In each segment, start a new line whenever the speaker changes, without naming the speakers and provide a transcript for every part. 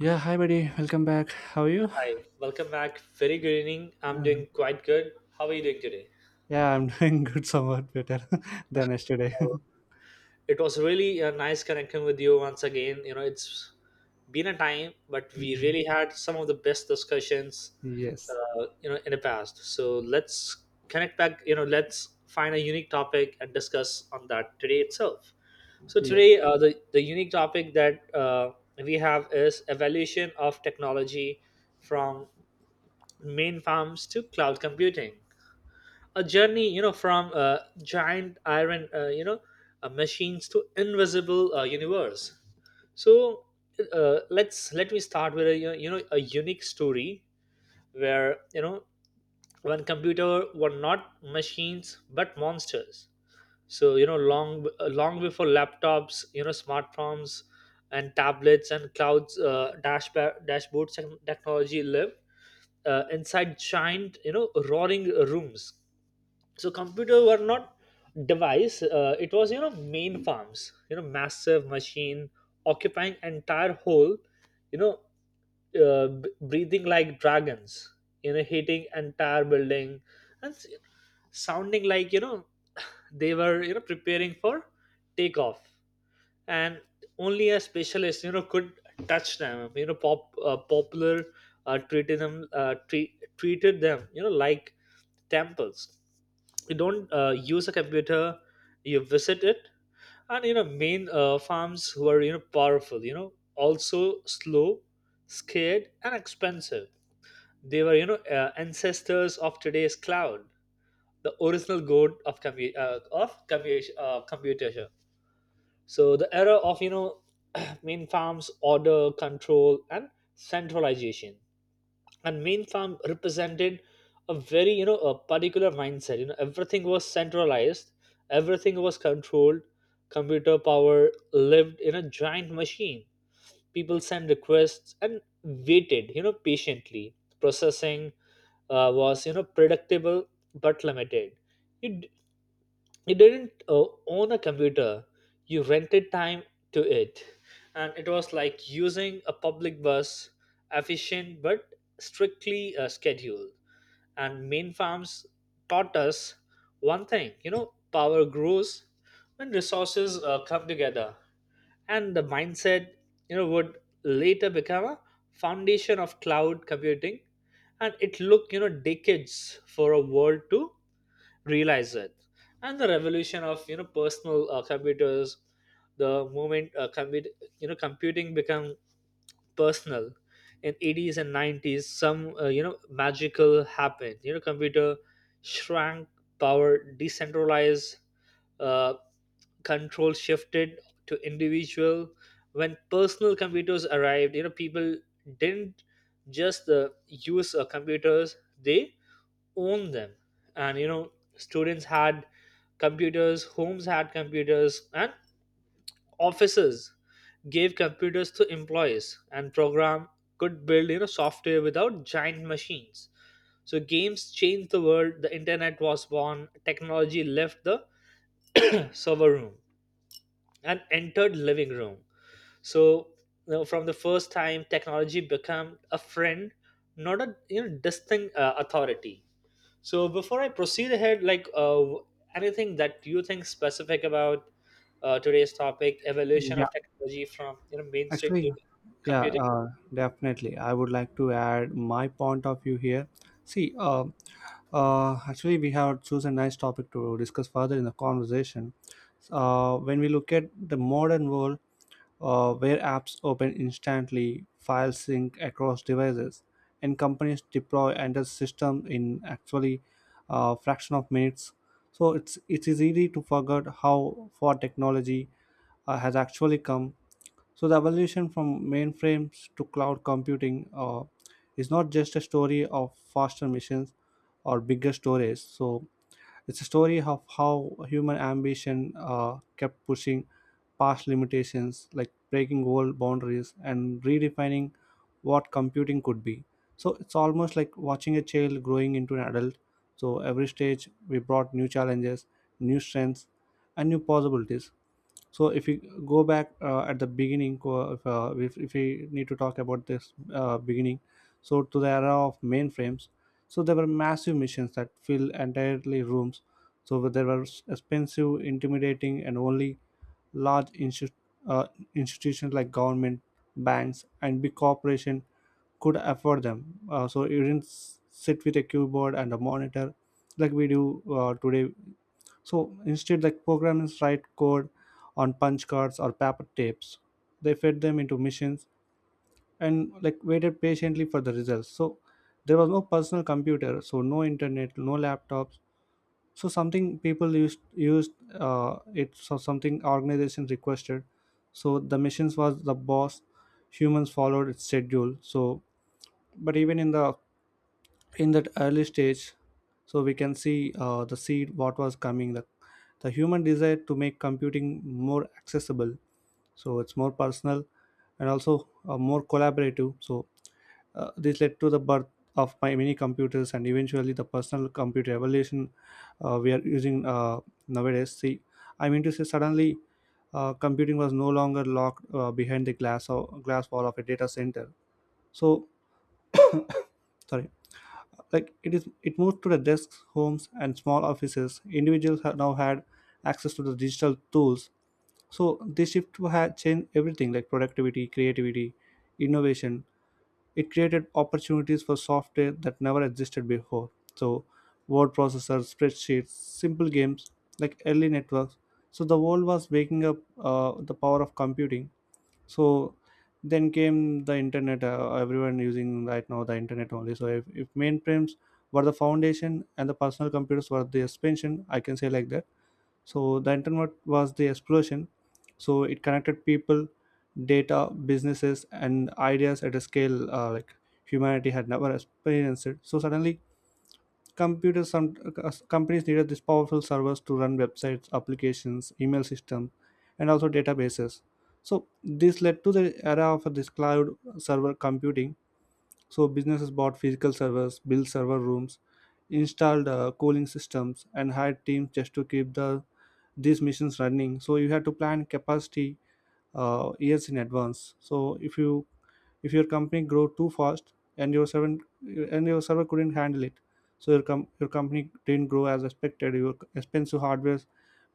Yeah, hi buddy. Welcome back. How are you?
Hi, welcome back. Very good evening. I'm doing quite good. How are you doing today?
Yeah, I'm doing good, somewhat better than yesterday.
Uh, It was really nice connecting with you once again. You know, it's been a time, but we
Mhm.
really had some of the best discussions,
Yes,
you know, in the past. So let's connect back. You know, let's find a unique topic and discuss on that today itself. So
yes,
today, the unique topic that we have is evaluation of technology from main farms to cloud computing. A journey, you know, from giant iron, you know, machines to invisible universe. So let me start with a, you know, a unique story where, you know, when computer were not machines but monsters. So you know, long before laptops, you know, smartphones and tablets and clouds, dashboards, and technology lived inside giant, you know, roaring rooms. So computer were not device, it was, you know, main farms, you know, massive machine occupying entire whole, you know, breathing like dragons, you know, hitting entire building and sounding like, you know, they were, you know, preparing for takeoff. And only a specialist, you know, could touch them, you know, popular treated them, you know, like temples. You don't use a computer, you visit it. And you know, main farms who are, you know, powerful, you know, also slow, scared and expensive. They were, you know, ancestors of today's cloud, the original god of computation. So the era of, you know, main farms, order, control, and centralization. And main farm represented a very, you know, a particular mindset. You know, everything was centralized, everything was controlled. Computer power lived in a giant machine. People sent requests and waited, you know, patiently. Processing was, you know, predictable but limited. You, you didn't own a computer, you rented time to it. And it was like using a public bus, efficient but strictly scheduled. And main farms taught us one thing: you know, power grows when resources come together. And the mindset, you know, would later become a foundation of cloud computing. And it took, you know, decades for a world to realize it. And the revolution of, you know, personal computers, the moment you know, computing become personal. In 80s and 90s some, you know, magical happened. You know, computer shrank, power decentralized, uh, control shifted to individual. When personal computers arrived, you know, people didn't just use computers, they own them. And you know, students had computers, homes had computers, and offices gave computers to employees. And program could build, you know, software without giant machines. So games changed the world, the internet was born, technology left the server room and entered living room. So you know, from the first time technology became a friend, not a, you know, distinct authority. So before I proceed ahead, like, anything that you think specific about today's topic, evolution
yeah.
of technology from, you know, mainstream to
Actually, yeah,
computing.
definitely. I would like to add my point of view here. See, actually, we have chosen a nice topic to discuss further in the conversation. When we look at the modern world, where apps open instantly, files sync across devices, and companies deploy under system in actually a fraction of minutes. So it is easy to forget how far technology has actually come. So the evolution from mainframes to cloud computing is not just a story of faster machines or bigger storage. So it's a story of how human ambition kept pushing past limitations, like breaking old boundaries and redefining what computing could be. So it's almost like watching a child growing into an adult. So every stage we brought new challenges, new strengths, and new possibilities. So if you go back at the beginning if we need to talk about this beginning, so to the era of mainframes. So there were massive machines that fill entirely rooms. So there were expensive intimidating and only large insti- uh, institutions like government, banks and big corporation could afford them. So you didn't sit with a keyboard and a monitor like we do today. So instead, the programmers write code on punch cards or paper tapes. They fed them into machines and like waited patiently for the results. So there was no personal computer, so no internet, no laptops. So something people used it. So something organization requested. So the machines was the boss. Humans followed its schedule. So but even in the in that early stage, so we can see the seed what was coming, the human desire to make computing more accessible, so it's more personal and also more collaborative. So this led to the birth of my mini computers and eventually the personal computer revolution we are using nowadays. See, I mean to say suddenly computing was no longer locked behind the glass or glass wall of a data center, so sorry, like it moved to the desks, homes and small offices. Individuals have now had access to the digital tools. So this shift had changed everything, like productivity, creativity, innovation. It created opportunities for software that never existed before. So word processors, spreadsheets, simple games, like early networks. So the world was waking up the power of computing. So then came the internet. Everyone using right now the internet only. So if mainframes were the foundation and the personal computers were the expansion, I can say like that. So the internet was the explosion. So it connected people, data, businesses and ideas at a scale like humanity had never experienced it. So suddenly computers, some companies needed these powerful servers to run websites, applications, email systems, and also databases. So this led to the era of this cloud server computing. So businesses bought physical servers, built server rooms, installed cooling systems, and hired teams just to keep these machines running. So you had to plan capacity years in advance. So if you, if your company grow too fast and your server couldn't handle it, so your company didn't grow as expected, your expensive hardware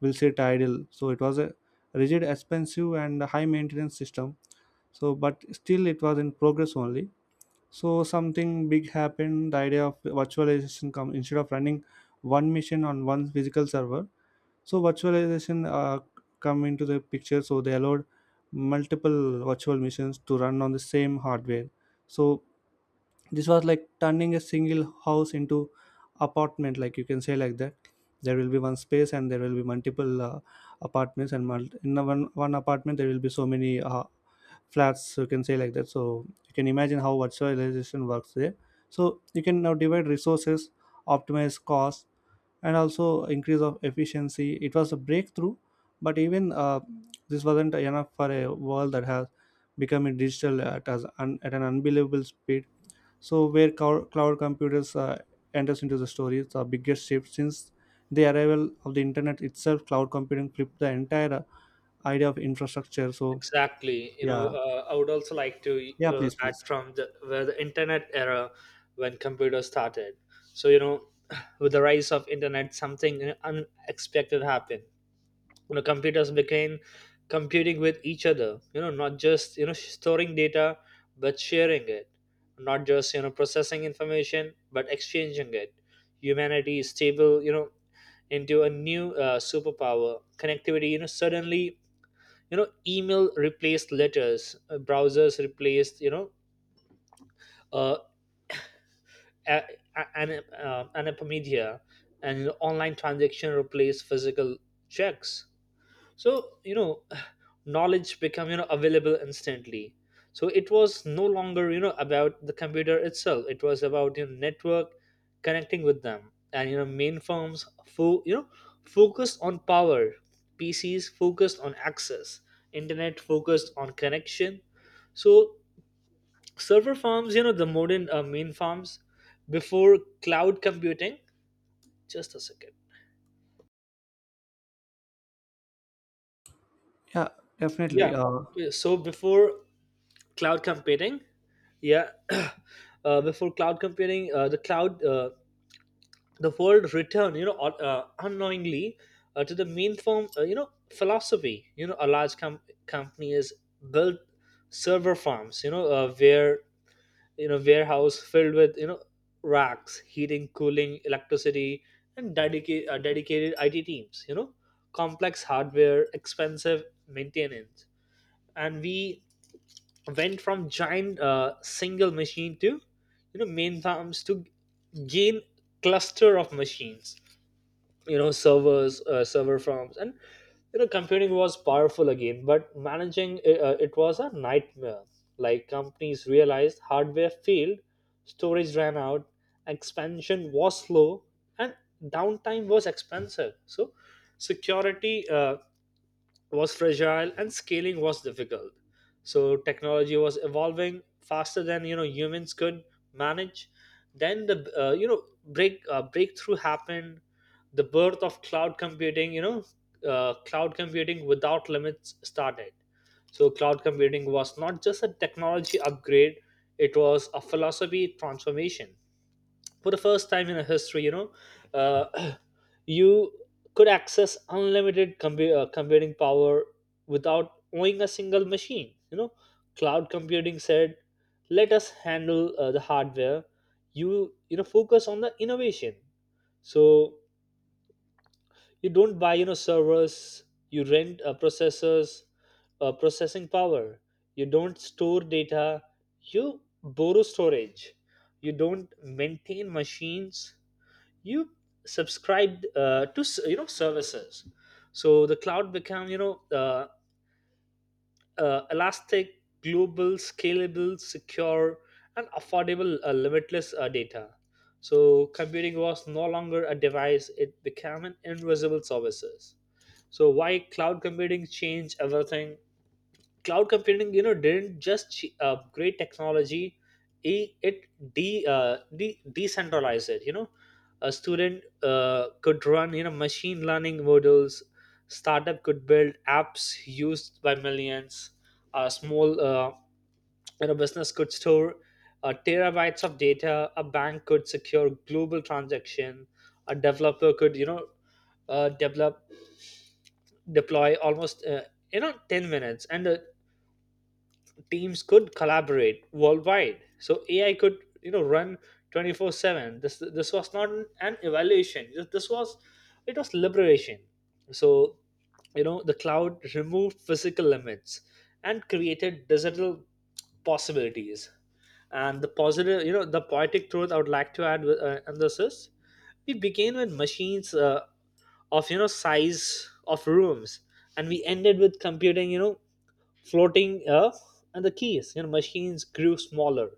will sit idle. So it was a rigid, expensive and high maintenance system. So but still it was in progress only. So something big happened, the idea of virtualization come instead of running one machine on one physical server. So virtualization come into the picture. So they allowed multiple virtual machines to run on the same hardware. So this was like turning a single house into apartment, like you can say like that. There will be one space and there will be multiple apartments, and in a one apartment there will be so many flats. You can say like that. So you can imagine how virtualization works there. So you can now divide resources, optimize costs and also increase of efficiency. It was a breakthrough, but even this wasn't enough for a world that has become a digital at an unbelievable speed. So where cloud computers enters into the story, it's the biggest shift since the arrival of the internet itself. Cloud computing flipped the entire idea of infrastructure. So
Exactly. You know,
yeah,
I would also like to
yeah please,
add from the where the internet era when computers started. So you know, with the rise of internet, something, you know, unexpected happened. You know, computers became computing with each other, you know, not just, you know, storing data but sharing it, not just, you know, processing information but exchanging it. Humanity is stable, you know, into a new, superpower connectivity. You know, suddenly, you know, email replaced letters, browsers replaced, you know, uh, a- a- an and online transaction replaced physical checks. So you know, knowledge become, you know, available instantly. So it was no longer, you know, about the computer itself, it was about your network connecting with them. And you know, you know, focused on power, pcs focused on access, internet focused on connection. So server farms, you know, the modern main farms before cloud computing, just a second,
yeah
yeah.
definitely.
So before cloud computing, yeah, before cloud computing, the world returned, you know, unknowingly to the main form, you know, philosophy. You know, company is built. Server farms, you know, where, you know, warehouse filled with, you know, racks, heating, cooling, electricity, and dedicated it teams, you know, complex hardware, expensive maintenance. And we went from giant, single machine to, you know, main farms to gain cluster of machines, you know, servers, server farms. And you know, computing was powerful again, but managing it, it was a nightmare. Like companies realized hardware failed, storage ran out, expansion was slow, and downtime was expensive. So security was fragile and scaling was difficult. So technology was evolving faster than, you know, humans could manage. Then the, breakthrough happened, the birth of cloud computing. You know, cloud computing without limits started. So cloud computing was not just a technology upgrade; it was a philosophy transformation. For the first time in a history, you know, uh, you could access unlimited computing power without owning a single machine. You know, cloud computing said, let us handle the hardware, you know, focus on the innovation. So you don't buy, you know, servers, you rent, processors processing power. You don't store data, you borrow storage. You don't maintain machines, you subscribed to you know services. So the cloud become, you know, elastic, global, scalable, secure, and affordable, limitless data. So computing was no longer a device, it became an invisible services. So why cloud computing changed everything. Cloud computing, you know, didn't just create technology, it decentralized it. You know, a student could run, you know, machine learning models, startup could build apps used by millions, a small, you know, business could store, terabytes of data, a bank could secure global transaction, a developer could, you know, develop deploy almost, you know, 10 minutes. And teams could collaborate worldwide. So AI could, you know, run 24/7. This was not an evaluation. This was It was liberation. So you know, the cloud removed physical limits and created digital possibilities. And the positive, you know, the poetic truth I would like to add, and this is we began with machines, of, you know, size of rooms, and we ended with computing, you know, floating, and the keys. You know, machines grew smaller,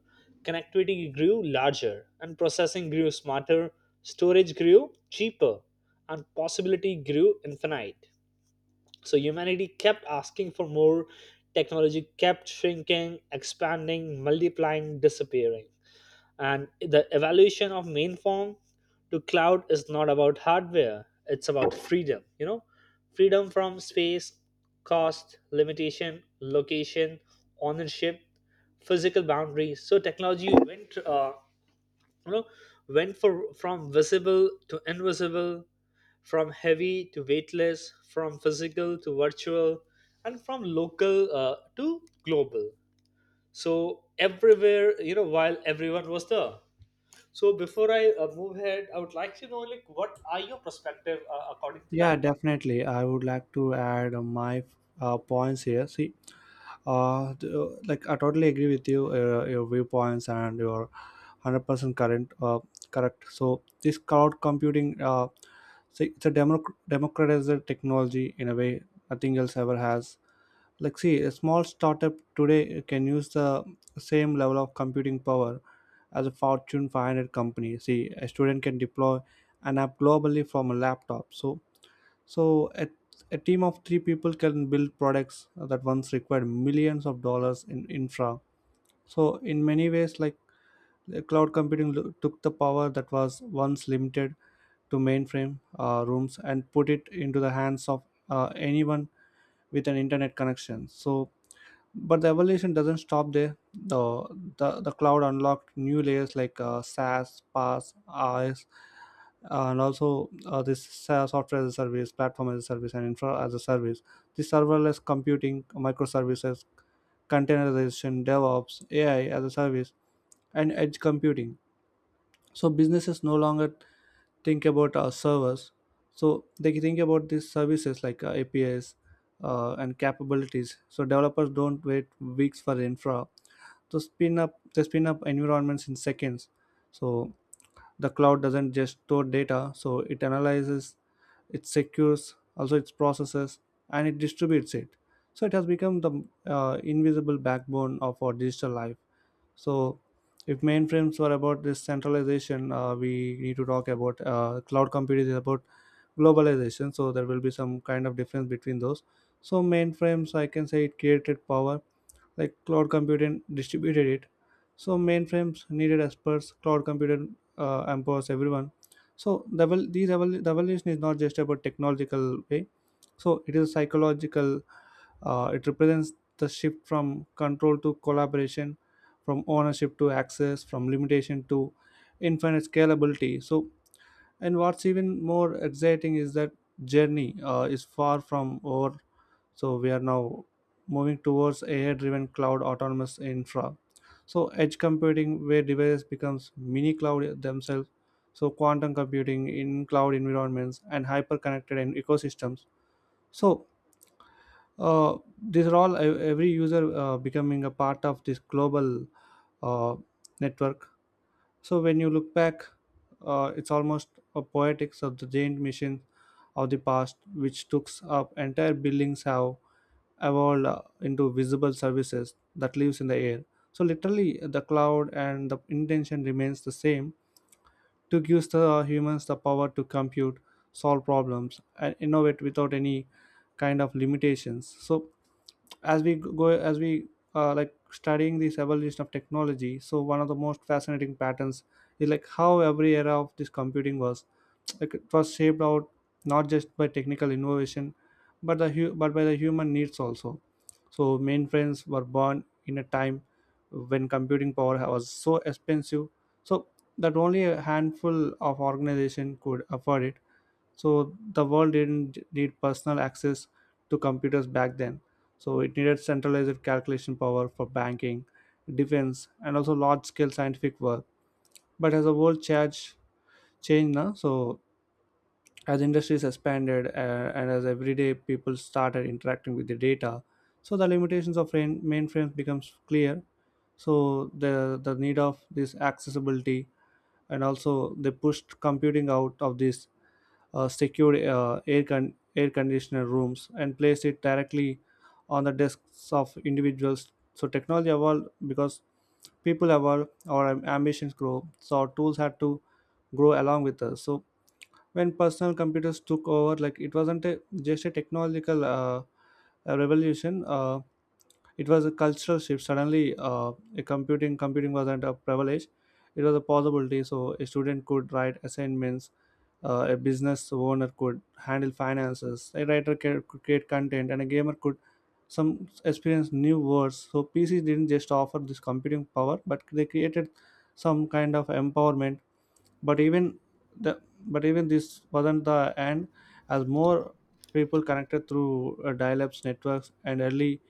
connectivity grew larger, and processing grew smarter, storage grew cheaper, and possibility grew infinite. So humanity kept asking for more, technology kept shrinking, expanding, multiplying, disappearing. And the evolution of mainframe to cloud is not about hardware, it's about freedom. You know, freedom from space, cost, limitation, location, ownership, physical boundaries. So technology went, you know, from visible to invisible, from heavy to weightless, from physical to virtual, and from local to global. So everywhere, you know, while everyone was there. So before I move ahead, I would like to know like what are your perspective according to
Yeah,
that?
definitely. I would like to add my points here. See, like I totally agree with you, your viewpoints and your 100% current correct. So this cloud computing, see, it's a democratized technology in a way nothing else ever has. Like, see, a small startup today can use the same level of computing power as a Fortune 500 company. See, a student can deploy an app globally from a laptop. So so a, a team of three people can build products that once required millions of dollars in infra. So in many ways, like the cloud computing took the power that was once limited to mainframe rooms and put it into the hands of anyone with an internet connection. So but the evolution doesn't stop there. The cloud unlocked new layers like SaaS, PaaS, RS, and also this SaaS software as a service, platform as a service, and infra as a service. The serverless computing, microservices, containerization, DevOps, AI as a service, and edge computing. So businesses no longer think about servers. So they think about these services like apis and capabilities. So developers don't wait weeks for infra to spin up, they spin up environments in seconds. So the cloud doesn't just store data, so it analyzes it, secures, also its processes and it distributes it. So it has become the invisible backbone of our digital life. So, if mainframes were about this centralization, we need to talk about cloud computing is about globalization. So, there will be some kind of difference between those. So, mainframes, I can say it created power, like cloud computing distributed it. So mainframes needed experts, cloud computing empowers everyone. So the evolution is not just about technological way, so it is psychological. It represents the shift from control to collaboration, from ownership to access, from limitation to infinite scalability. So and what's even more exciting is that journey is far from over. So we are now moving towards AI-driven cloud autonomous infra. So edge computing, where devices becomes mini cloud themselves. So quantum computing in cloud environments and hyper-connected and ecosystems. So these are all every user becoming a part of this global uh, network. So when you look back, it's almost a poetics of the giant machines of the past, which took up entire buildings have evolved into visible services that lives in the air. So literally, the cloud and the intention remains the same, to give the humans the power to compute, solve problems, and innovate without any kind of limitations. So as we like studying this evolution of technology, so one of the most fascinating patterns is like how every era of this computing was like it was shaped out not just by technical innovation but but by the human needs also. So mainframes were born in a time when computing power was so expensive, so that only a handful of organization could afford it. So the world didn't need personal access to computers back then. So it needed centralized calculation power for banking, defense and also large scale scientific work. But as the world changed now, so as industries expanded and as everyday people started interacting with the data, so the limitations of mainframes becomes clear. So the need of this accessibility, and also they pushed computing out of this secured air conditioner rooms and placed it directly on the desks of individuals. So technology evolved because people evolve, our ambitions grow, so our tools had to grow along with us. So when personal computers took over, like it wasn't a, just a technological a revolution. It was a cultural shift. Suddenly a computing computing wasn't a privilege, it was a possibility. So a student could write assignments, a business owner could handle finances, a writer could create content, and a gamer could some experience new words. So pcs didn't just offer this computing power, but they created some kind of empowerment. But even the but even this wasn't the end. As more people connected through dial-ups networks and early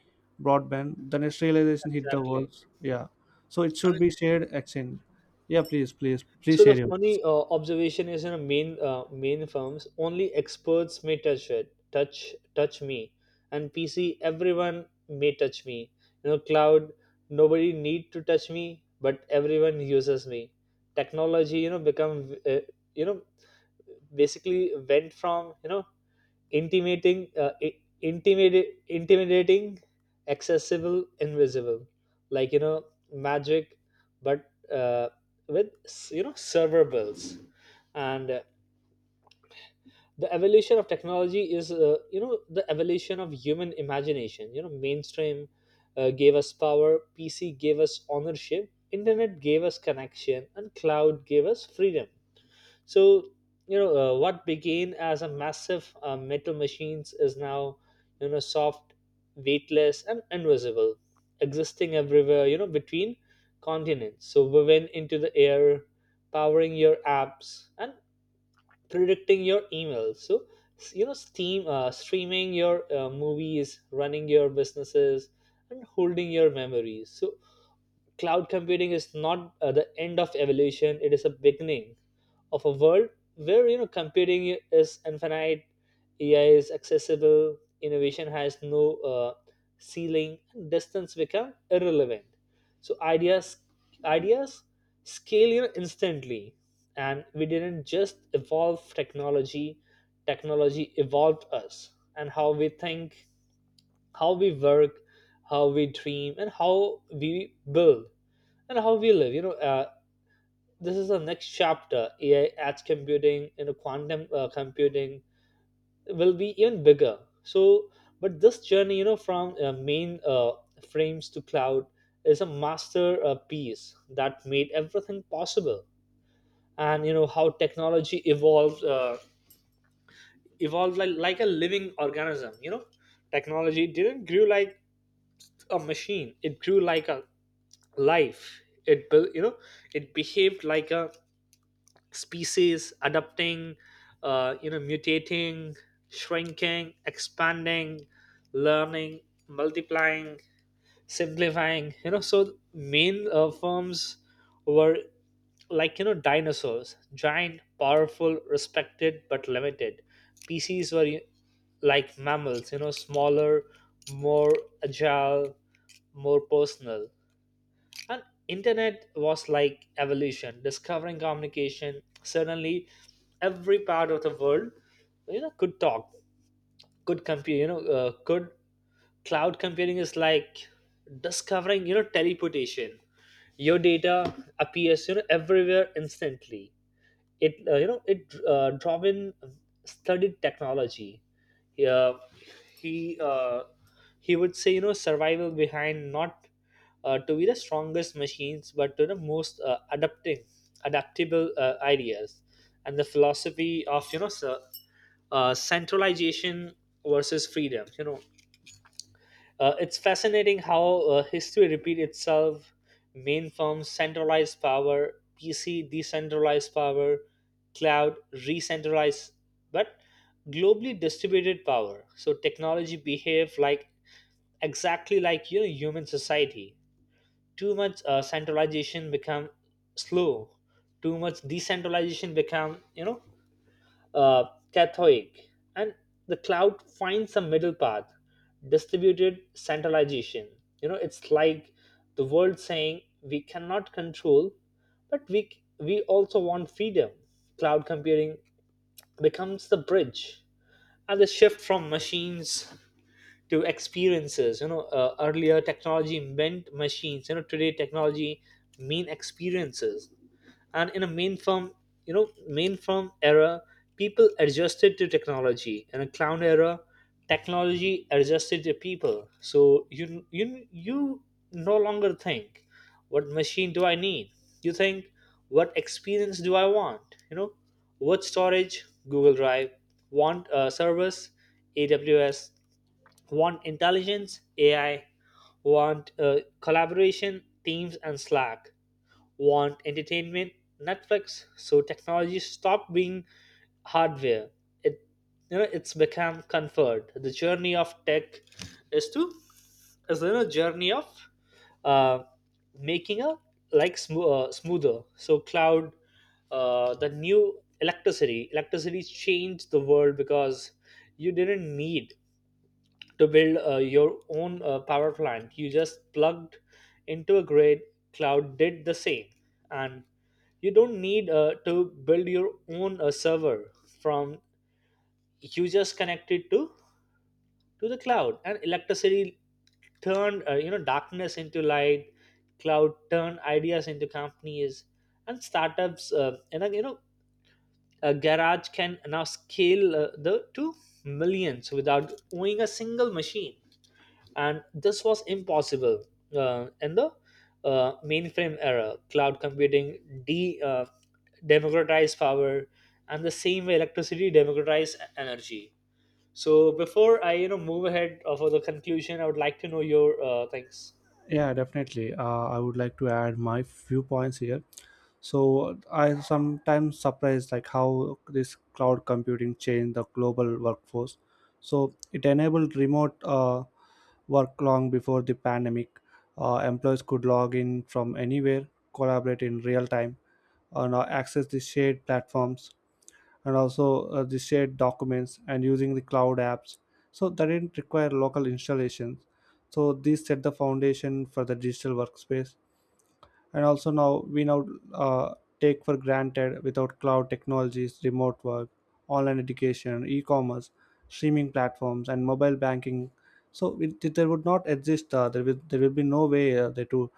broadband, the next realization hit the
Exactly.
world. Yeah, so it should
And
be shared exchange. Yeah, please
so the
share your.
funny observation is in a main firms only experts may touch it, touch touch me, and PC everyone may touch me. You know, cloud nobody need to touch me, but everyone uses me. Technology, you know, become, you know basically went from, you know, intimidating, accessible, invisible, like, you know, magic, but with, you know, server bills. And the evolution of technology is, you know, the evolution of human imagination. You know, mainstream gave us power, pc gave us ownership, internet gave us connection, and cloud gave us freedom. So, you know, what began as a massive, metal machines is now, you know, soft, weightless, and invisible, existing everywhere, you know, between continents. So, woven into the air, powering your apps, and predicting your emails. So, streaming your movies, running your businesses, and holding your memories. So, cloud computing is not the end of evolution, it is a beginning of a world where you know computing is infinite. AI is accessible, innovation has no uh, ceiling, and distance become irrelevant. So ideas scale, you know, instantly, and we didn't just evolve technology, technology evolved us and how we think, how we work, how we dream, and how we build, and how we live, you know. This is the next chapter. AI edge computing, you know, quantum computing will be even bigger. So but this journey, you know, from main frames to cloud is a master piece that made everything possible. And you know how technology evolved like a living organism, you know. Technology didn't grew like a machine, it grew like a life. It built, you know, it behaved like a species adapting, you know, mutating, shrinking, expanding, learning, multiplying, simplifying, you know. So main firms were like, you know, dinosaurs, giant, powerful, respected but limited. PCs were like mammals, you know, smaller, more agile, more personal. And internet was like evolution discovering communication. Suddenly, every part of the world, you know, could talk, could compute, you know. Could Cloud computing is like discovering, you know, teleportation. Your data appears, you know, everywhere instantly. It uh, you know it uh, Dravin studied technology. Uh, he he would say, you know, survival behind not to be the strongest machines but to the most adapting adaptable ideas. And the philosophy of, you know, so, centralization versus freedom, you know. It's fascinating how history repeats itself. Main firms, centralized power; PC, decentralized power; cloud, re-centralized, but globally distributed power. So technology behave like exactly like, you know, human society. Too much centralization become slow. Too much decentralization become, you know, uh, Catholic, and the cloud finds a middle path, distributed centralization. You know, it's like the world saying we cannot control, but we also want freedom. Cloud computing becomes the bridge and the shift from machines to experiences. You know, earlier technology meant machines. You know, today technology mean experiences. And in a mainframe, you know, mainframe era, people adjusted to technology. In a cloud era, technology adjusted to people. So you no longer think what machine do I need. You think what experience do I want, you know. What storage? Google Drive. Want a service? AWS. Want intelligence? AI. Want collaboration? Teams and Slack. Want entertainment? Netflix. So technology stopped being hardware. It, you know, it's become comfort. The journey of tech is to is, you know, journey of uh, making a like smoother. So cloud, the new electricity. Electricity changed the world because you didn't need to build your own power plant. You just plugged into a grid. Cloud did the same, and you don't need to build your own server from. You just connected to the cloud. And electricity turned, you know, darkness into light. Cloud turned ideas into companies and startups, and you know, a garage can now scale the to millions without owning a single machine. And this was impossible in the mainframe era. Cloud computing democratized power, and the same way electricity democratized energy. So before I, you know, move ahead for the conclusion, I would like to know your things.
Yeah, definitely. I would like to add my few points here. So I sometimes surprised like how this cloud computing changed the global workforce. So it enabled remote work long before the pandemic. Employees could log in from anywhere, collaborate in real time, and access the shared platforms, and also the shared documents, and using the cloud apps, so that didn't require local installations. So these set the foundation for the digital workspace. And also now we now uh, take for granted. Without cloud technologies, remote work, online education, e-commerce, streaming platforms, and mobile banking, so there would not exist there will be no way there to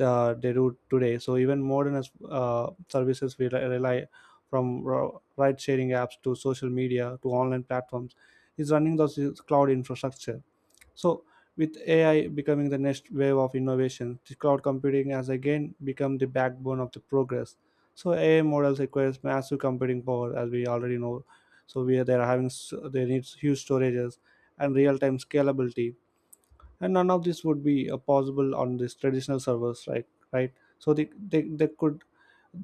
they do today. So even modern as services we rely, from ride sharing apps to social media to online platforms, is running those is cloud infrastructure. So with AI becoming the next wave of innovation, the cloud computing has again become the backbone of the progress. So AI models requires massive computing power, as we already know. So we are they are having they need huge storages and real-time scalability, and none of this would be possible on these traditional servers, right, right. So they, they, they could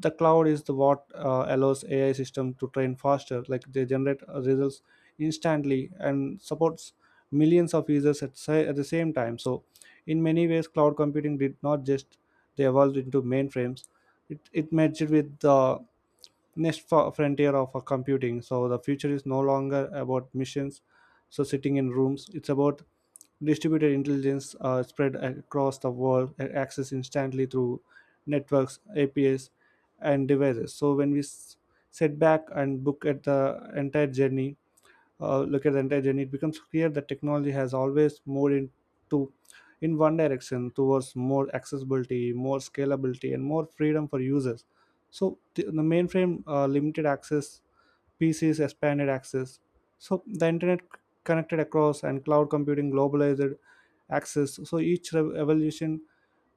the cloud is the what allows ai system to train faster, like they generate results instantly and supports millions of users at, at the same time. So in many ways cloud computing did not just they evolved into mainframes, it merged with the next frontier of computing. So the future is no longer about missions so sitting in rooms, it's about distributed intelligence spread across the world, accessed instantly through networks, APIs, and devices. So when sit back and look at the entire journey, look at the entire journey, it becomes clear that technology has always moved into in one direction, towards more accessibility, more scalability, and more freedom for users. So the mainframe limited access, PCs expanded access. So the internet connected across, and cloud computing globalized access. So each evolution,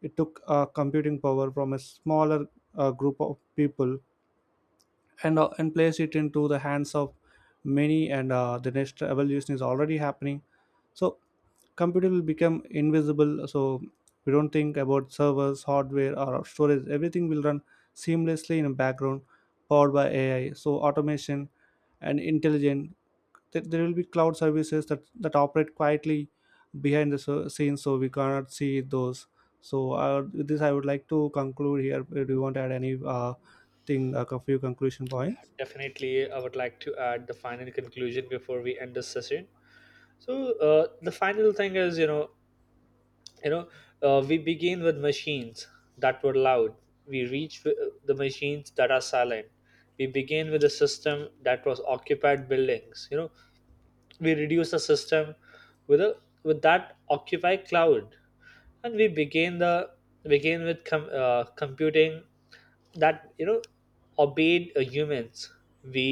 it took computing power from a smaller group of people, and and placed it into the hands of many. And the next evolution is already happening. So computer will become invisible. So we don't think about servers, hardware, or storage. Everything will run seamlessly in the background, powered by AI. So automation and intelligence, there will be cloud services that operate quietly behind the scenes, so we cannot see those. So with this I would like to conclude here. Do you want to add any thing like a few conclusion points?
Definitely, I would like to add the final conclusion before we end this session. So the final thing is, you know, we begin with machines that were loud. We reach with the machines that are silent. We begin with a system that was occupied buildings, you know. We reduce the system with a with that occupy cloud. And we begin the begin with computing that, you know, obeyed humans. We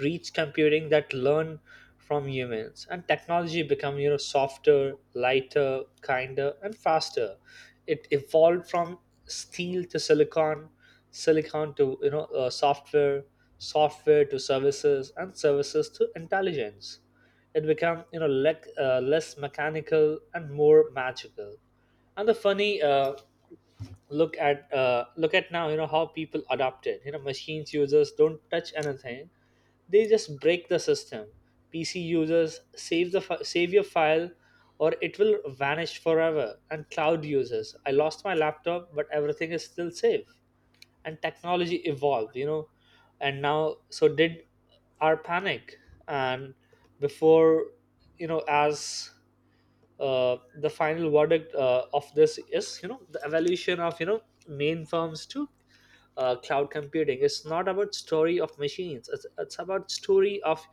reach computing that learn from humans. And technology become, you know, softer, lighter, kinder, and faster. It evolved from steel to silicon, silicon to, you know, software, software to services, and services to intelligence. It became, you know, less mechanical and more magical. And the funny look at now, you know, how people adopted, you know, machines. Users don't touch anything, they just break the system. PC users, save the save your file or it will vanish forever. And cloud users, I lost my laptop, but everything is still safe. And technology evolved, you know, and now so did our panic. And before, you know, as the final verdict of this is, you know, the evolution of, you know, main firms to cloud computing, it's not about story of machines, it's about story of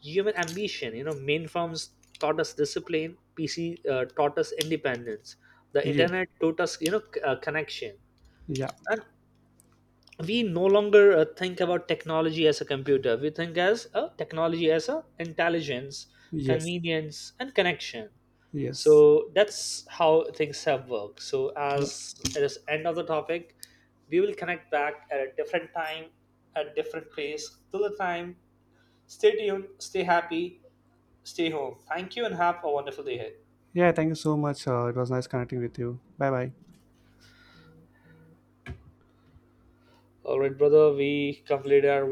human ambition, you know. Main firms taught us discipline, PC, taught us independence, the
Yes.
internet taught us, you know, connection.
Yeah.
And we no longer think about technology as a computer. We think as a technology as a intelligence,
Yes.
convenience, and connection.
Yes.
So that's how things have worked. So
Yeah.
as it is end of the topic, we will connect back at a different time, at a different place. Till the time, stay tuned, stay happy, stay home. Thank you and have a wonderful day ahead.
Yeah, thank you so much. It was nice connecting with you. Bye bye.
All right, brother, we completed our